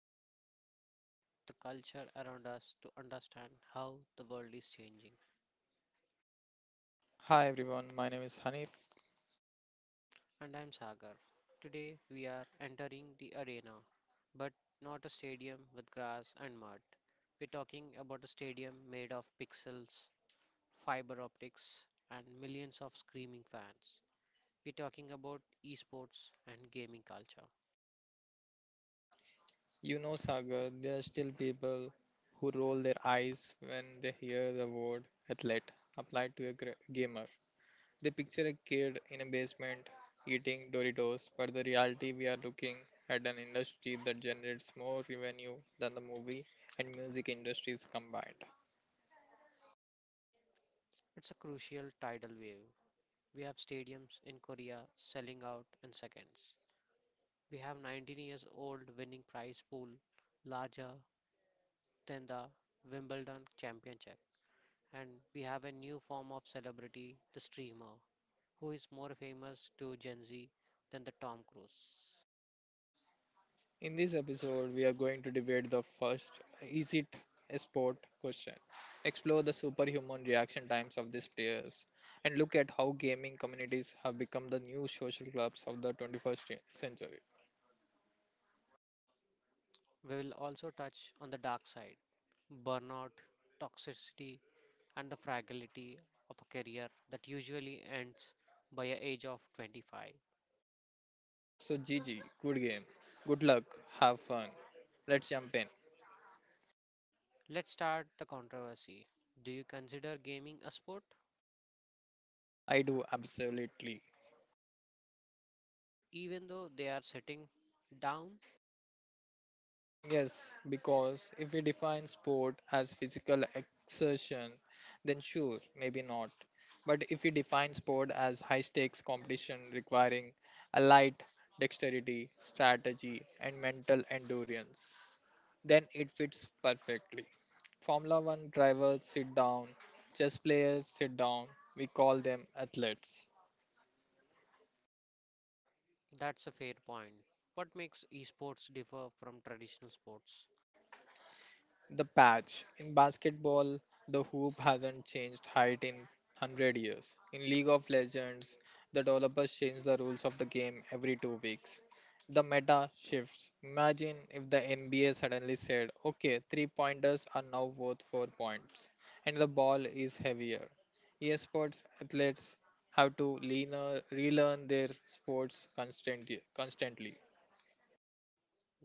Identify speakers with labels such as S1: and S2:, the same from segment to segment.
S1: we deconstruct the culture around us to understand how the world is changing.
S2: Hi everyone, my name is Hanif.
S1: And I'm Sagar. Today we are entering the arena, but not a stadium with grass and mud. We're talking about a stadium made of pixels, fiber optics, and millions of screaming fans. We're talking about esports and gaming culture.
S2: You know, Sagar, there are still people who roll their eyes when they hear the word athlete applied to a gamer. They picture a kid in a basement eating Doritos, but the reality we are looking at an industry that generates more revenue than the movie and music industries combined.
S1: It's a crucial tidal wave. We have stadiums in Korea selling out in seconds. We have 19 years old winning prize pool larger than the Wimbledon championship. And we have a new form of celebrity, the streamer, who is more famous to Gen Z than the Tom Cruise.
S2: In this episode, we are going to debate the first is it a sport question, explore the superhuman reaction times of these players, and look at how gaming communities have become the new social clubs of the 21st century.
S1: We will also touch on the dark side, burnout, toxicity, and the fragility of a career that usually ends by the age of 25.
S2: So, GG, good game, good luck, have fun. Let's jump in.
S1: Let's start the controversy. Do you consider gaming a sport?
S2: I do absolutely.
S1: Even though they are sitting down,
S2: Yes, because if we define sport as physical exertion, then sure, maybe not. But if we define sport as high stakes competition requiring allied dexterity, strategy, and mental endurance, then it fits perfectly. Formula One drivers sit down, chess players sit down, we call them athletes.
S1: that's a fair point. What makes esports differ from traditional sports?
S2: The patch. In basketball, the hoop hasn't changed height in 100 years. In League of Legends, the developers change the rules of the game every 2 weeks. The meta shifts. Imagine if the NBA suddenly said, okay, three pointers are now worth 4 points, and the ball is heavier. Esports athletes have to relearn their sports constantly.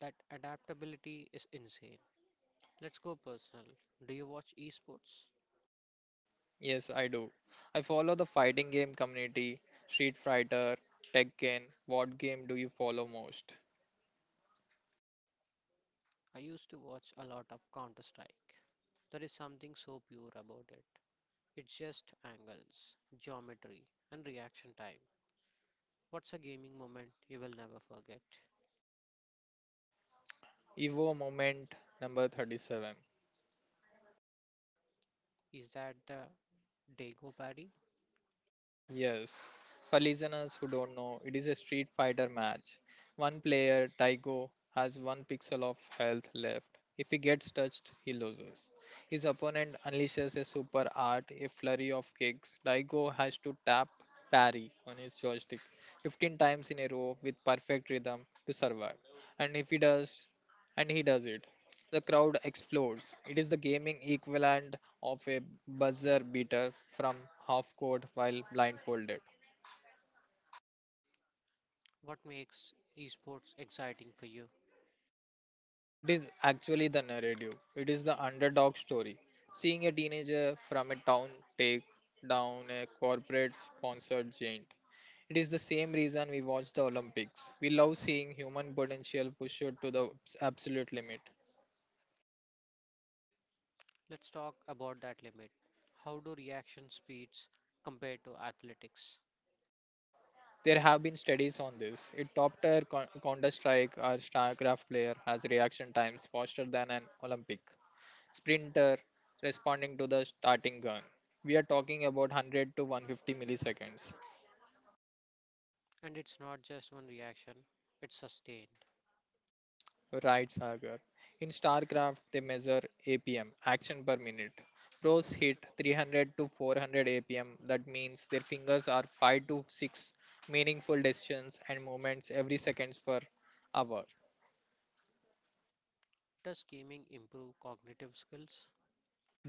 S1: That adaptability is insane. Let's go personal. Do you watch esports?
S2: Yes, I do. I follow the fighting game community, Street Fighter, Tekken. What game do you follow most?
S1: I used to watch a lot of Counter Strike. There is something so pure about it. It's just angles, geometry, and reaction time. What's a gaming moment you will never forget?
S2: Evo Moment number 37.
S1: Is that the Dago parry?
S2: Yes, for listeners who don't know, it is a Street Fighter match. One player, Taigo, has one pixel of health left. If he gets touched, he loses. His opponent unleashes a super art, a flurry of kicks. Taigo has to tap parry on his joystick 15 times in a row with perfect rhythm to survive. And if he does, and he does it, the crowd explodes. It is the gaming equivalent of a buzzer beater from half court while blindfolded.
S1: What makes esports exciting for you?
S2: It is actually the narrative. It is the underdog story. Seeing a teenager from a town take down a corporate sponsored giant. It is the same reason we watch the Olympics. We love seeing human potential pushed to the absolute limit.
S1: Let's talk about that limit. How do reaction speeds compare to athletics?
S2: There have been studies on this. It topped a Counter Strike or StarCraft player has reaction times faster than an Olympic sprinter responding to the starting gun. We are talking about 100 to 150 milliseconds.
S1: And it's not just one reaction, it's sustained.
S2: Right, Sagar. In StarCraft, they measure APM, action per minute. Pros hit 300 to 400 APM. That means their fingers are 5 to 6 meaningful decisions and movements every seconds per hour.
S1: Does gaming improve cognitive skills?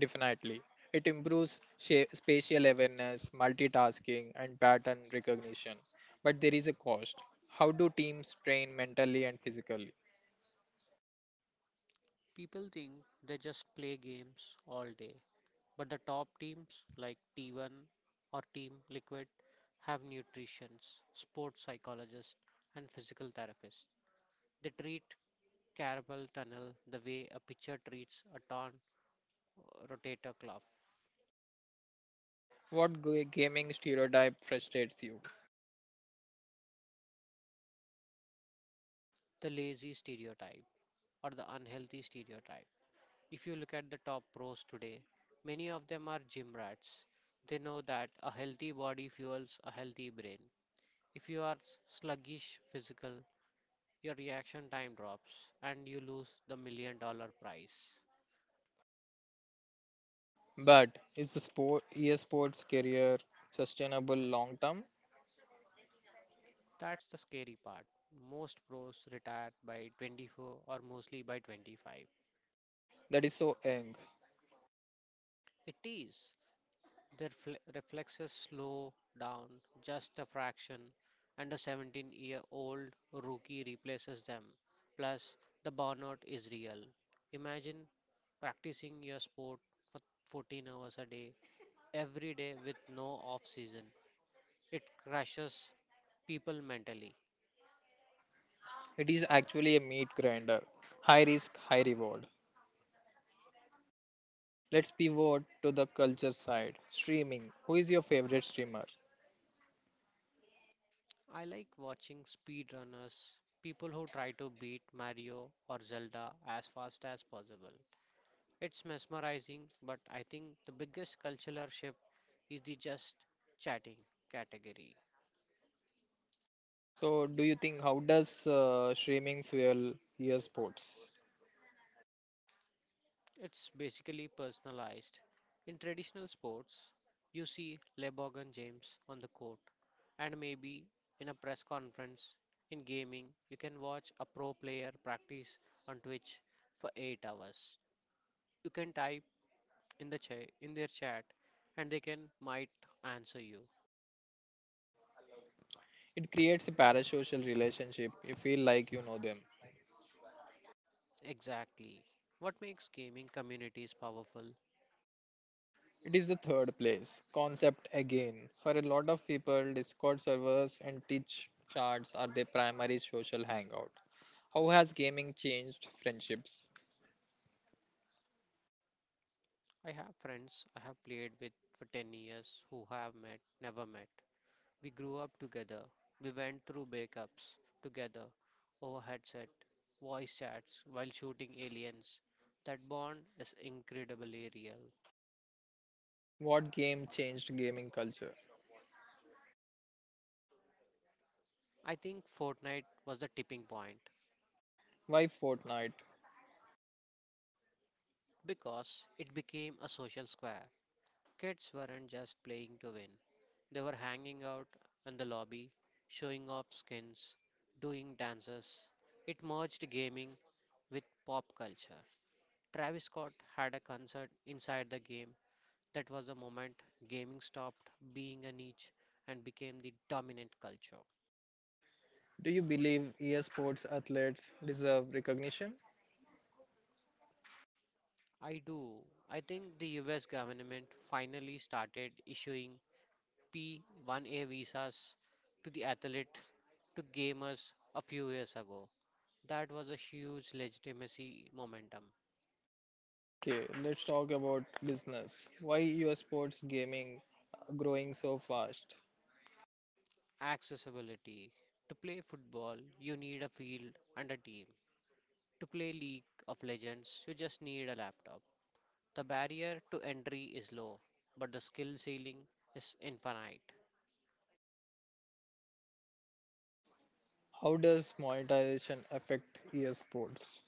S2: Definitely. It improves spatial awareness, multitasking, and pattern recognition. But there is a cost. How do teams train mentally and physically?
S1: People think they just play games all day, but the top teams like T1 or Team Liquid have nutritionists, sports psychologists, and physical therapists. They treat carpal tunnel the way a pitcher treats a torn rotator cuff,
S2: What gaming stereotype frustrates you?
S1: the lazy stereotype, or the unhealthy stereotype. If you look at the top pros today, many of them are gym rats. They know that a healthy body fuels a healthy brain. If you are sluggish physical, your reaction time drops and you lose the million-dollar prize.
S2: But is the sport esports career sustainable long term?
S1: That's the scary part. Most pros retire by 24 or mostly by 25.
S2: That is so young.
S1: It is. Their reflexes slow down just a fraction, and a 17-year-old rookie replaces them. Plus, the burnout is real. Imagine practicing your sport for 14 hours a day, every day with no off season. It crushes people mentally.
S2: It is actually a meat grinder. High risk, high reward. Let's pivot to the culture side. Streaming. Who is your favorite streamer?
S1: I like watching speedrunners, people who try to beat Mario or Zelda as fast as possible. It's mesmerizing, but I think the biggest cultural shift is the just chatting category.
S2: So, do you think how does streaming fuel e sports?
S1: It's basically personalized. In traditional sports, you see LeBron James on the court, and maybe in a press conference. In gaming, you can watch a pro player practice on Twitch for 8 hours. You can type in their chat and they can might answer you.
S2: It creates a parasocial relationship. You feel like you know them.
S1: Exactly. What makes gaming communities powerful?
S2: It is the third place concept again. For a lot of people, Discord servers and Twitch chats are their primary social hangout. How has gaming changed friendships?
S1: I have friends I have played with for 10 years who have met, never met. We grew up together. We went through breakups together over headset, voice chats while shooting aliens. That bond is incredibly real.
S2: What game changed gaming culture?
S1: I think Fortnite was the tipping point
S2: Why Fortnite?
S1: because it became a social square. Kids weren't just playing to win, they were hanging out in the lobby, showing off skins, doing dances. It merged gaming with pop culture. Travis Scott had a concert inside the game. That was the moment gaming stopped being a niche and became the dominant culture.
S2: Do you believe esports athletes deserve recognition?
S1: I do. I think the US government finally started issuing P1A visas to the athletes, to gamers a few years ago. That was a huge legitimacy momentum.
S2: Okay, let's talk about business. Why US sports gaming growing so fast?
S1: Accessibility. To play football, you need a field and a team. To play League of Legends, you just need a laptop. The barrier to entry is low, but the skill ceiling is infinite.
S2: How does monetization affect EA sports?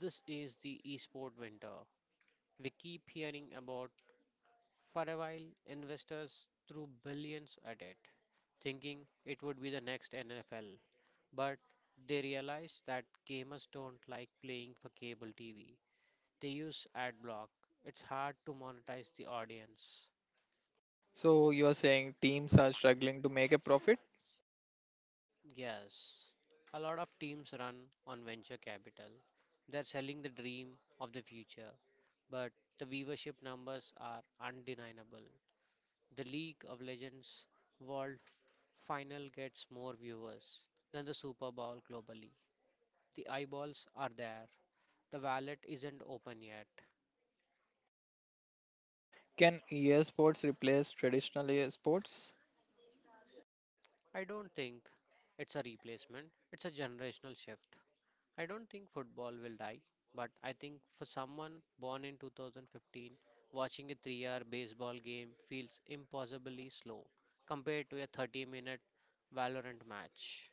S1: This is the esport winter. We keep hearing about. For a while investors threw billions at it, thinking it would be the next NFL. But they realized that gamers don't like playing for cable TV. They use ad block. It's hard to monetize the audience.
S2: So you are saying teams are struggling to make a profit?
S1: Yes, a lot of teams run on venture capital. They're selling the dream of the future, but the viewership numbers are undeniable. The League of Legends World Final gets more viewers than the Super Bowl globally. The eyeballs are there. The wallet isn't open yet.
S2: Can EA sports replace traditional EA sports?
S1: I don't think it's a replacement, it's a generational shift. I don't think football will die, but I think for someone born in 2015, watching a 3-hour baseball game feels impossibly slow compared to a 30-minute Valorant match.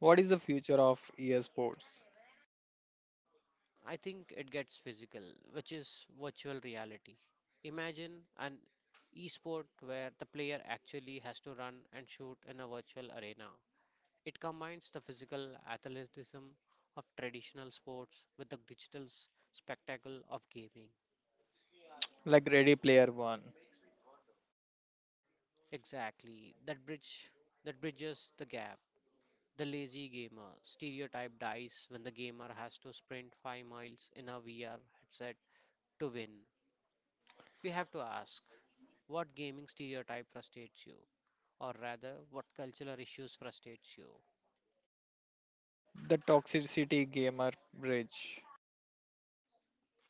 S2: What is the future of EA sports?
S1: I think it gets physical, which is virtual reality. Imagine an esport where the player actually has to run and shoot in a virtual arena. It combines the physical athleticism of traditional sports with the digital spectacle of gaming.
S2: Like Ready Player One,
S1: Exactly. That bridge that bridges the gap. The lazy gamer stereotype dies when the gamer has to sprint 5 miles in a VR headset to win. We have to ask, what gaming stereotype frustrates you? Or rather, what cultural issues frustrates you?
S2: the toxicity gamer bridge.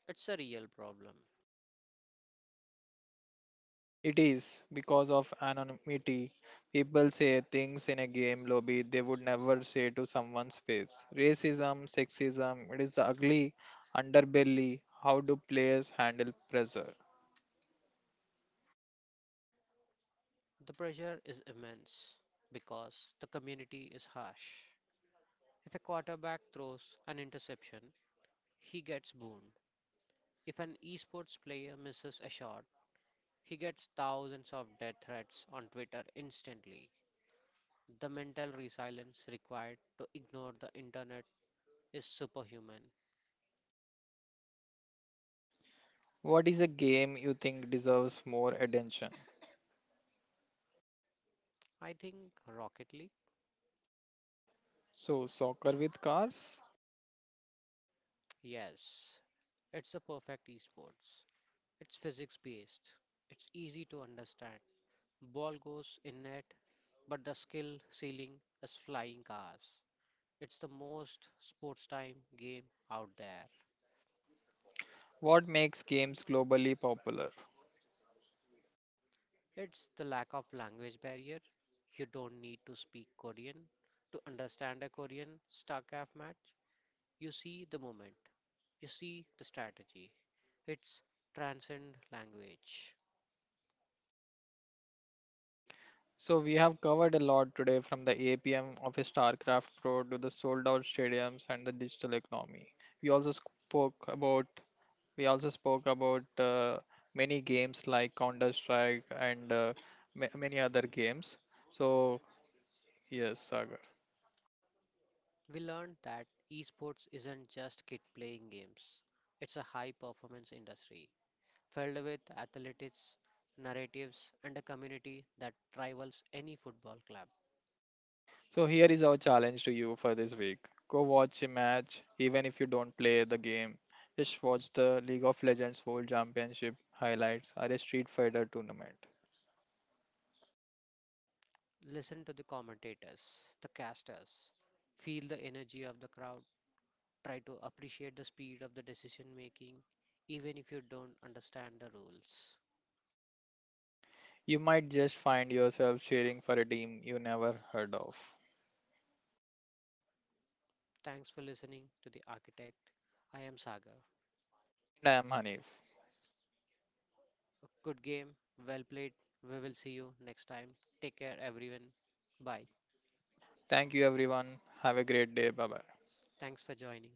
S1: It's a real problem.
S2: It is because of anonymity. People say things in a game lobby they would never say to someone's face. Racism, sexism, it is the ugly underbelly. How do players handle pressure?
S1: The pressure is immense because the community is harsh. If a quarterback throws an interception, he gets booed. If an esports player misses a shot, he gets thousands of death threats on Twitter instantly. The mental resilience required to ignore the internet is superhuman.
S2: What is a game you think deserves more attention?
S1: I think Rocket League?
S2: So, soccer with cars?
S1: Yes. It's the perfect esports. It's physics based. It's easy to understand. Ball goes in net, but the skill ceiling is flying cars. It's the most sports time game out there.
S2: What makes games globally popular?
S1: It's the lack of language barrier. You don't need to speak Korean to understand a Korean StarCraft match. You see the moment, you see the strategy. It's transcend language.
S2: So, we have covered a lot today from the APM of a StarCraft Pro to the sold out stadiums and the digital economy. We also spoke about We also spoke about many games like Counter Strike and many other games. So, yes, Sagar.
S1: We learned that esports isn't just kid playing games, it's a high performance industry filled with athletics, narratives, and a community that rivals any football club.
S2: So, here is our challenge to you for this week. Go watch a match, even if you don't play the game. Just watch the League of Legends World Championship highlights or a Street Fighter tournament.
S1: Listen to the commentators, the casters, feel the energy of the crowd. Try to appreciate the speed of the decision making, even if you don't understand the rules.
S2: You might just find yourself cheering for a team you never heard of.
S1: Thanks for listening to The Architect. I am Sagar.
S2: And I am Hanif.
S1: A good game, well played. We will see you next time. Take care, everyone. Bye.
S2: Thank you, everyone. Have a great day. Bye bye.
S1: Thanks for joining.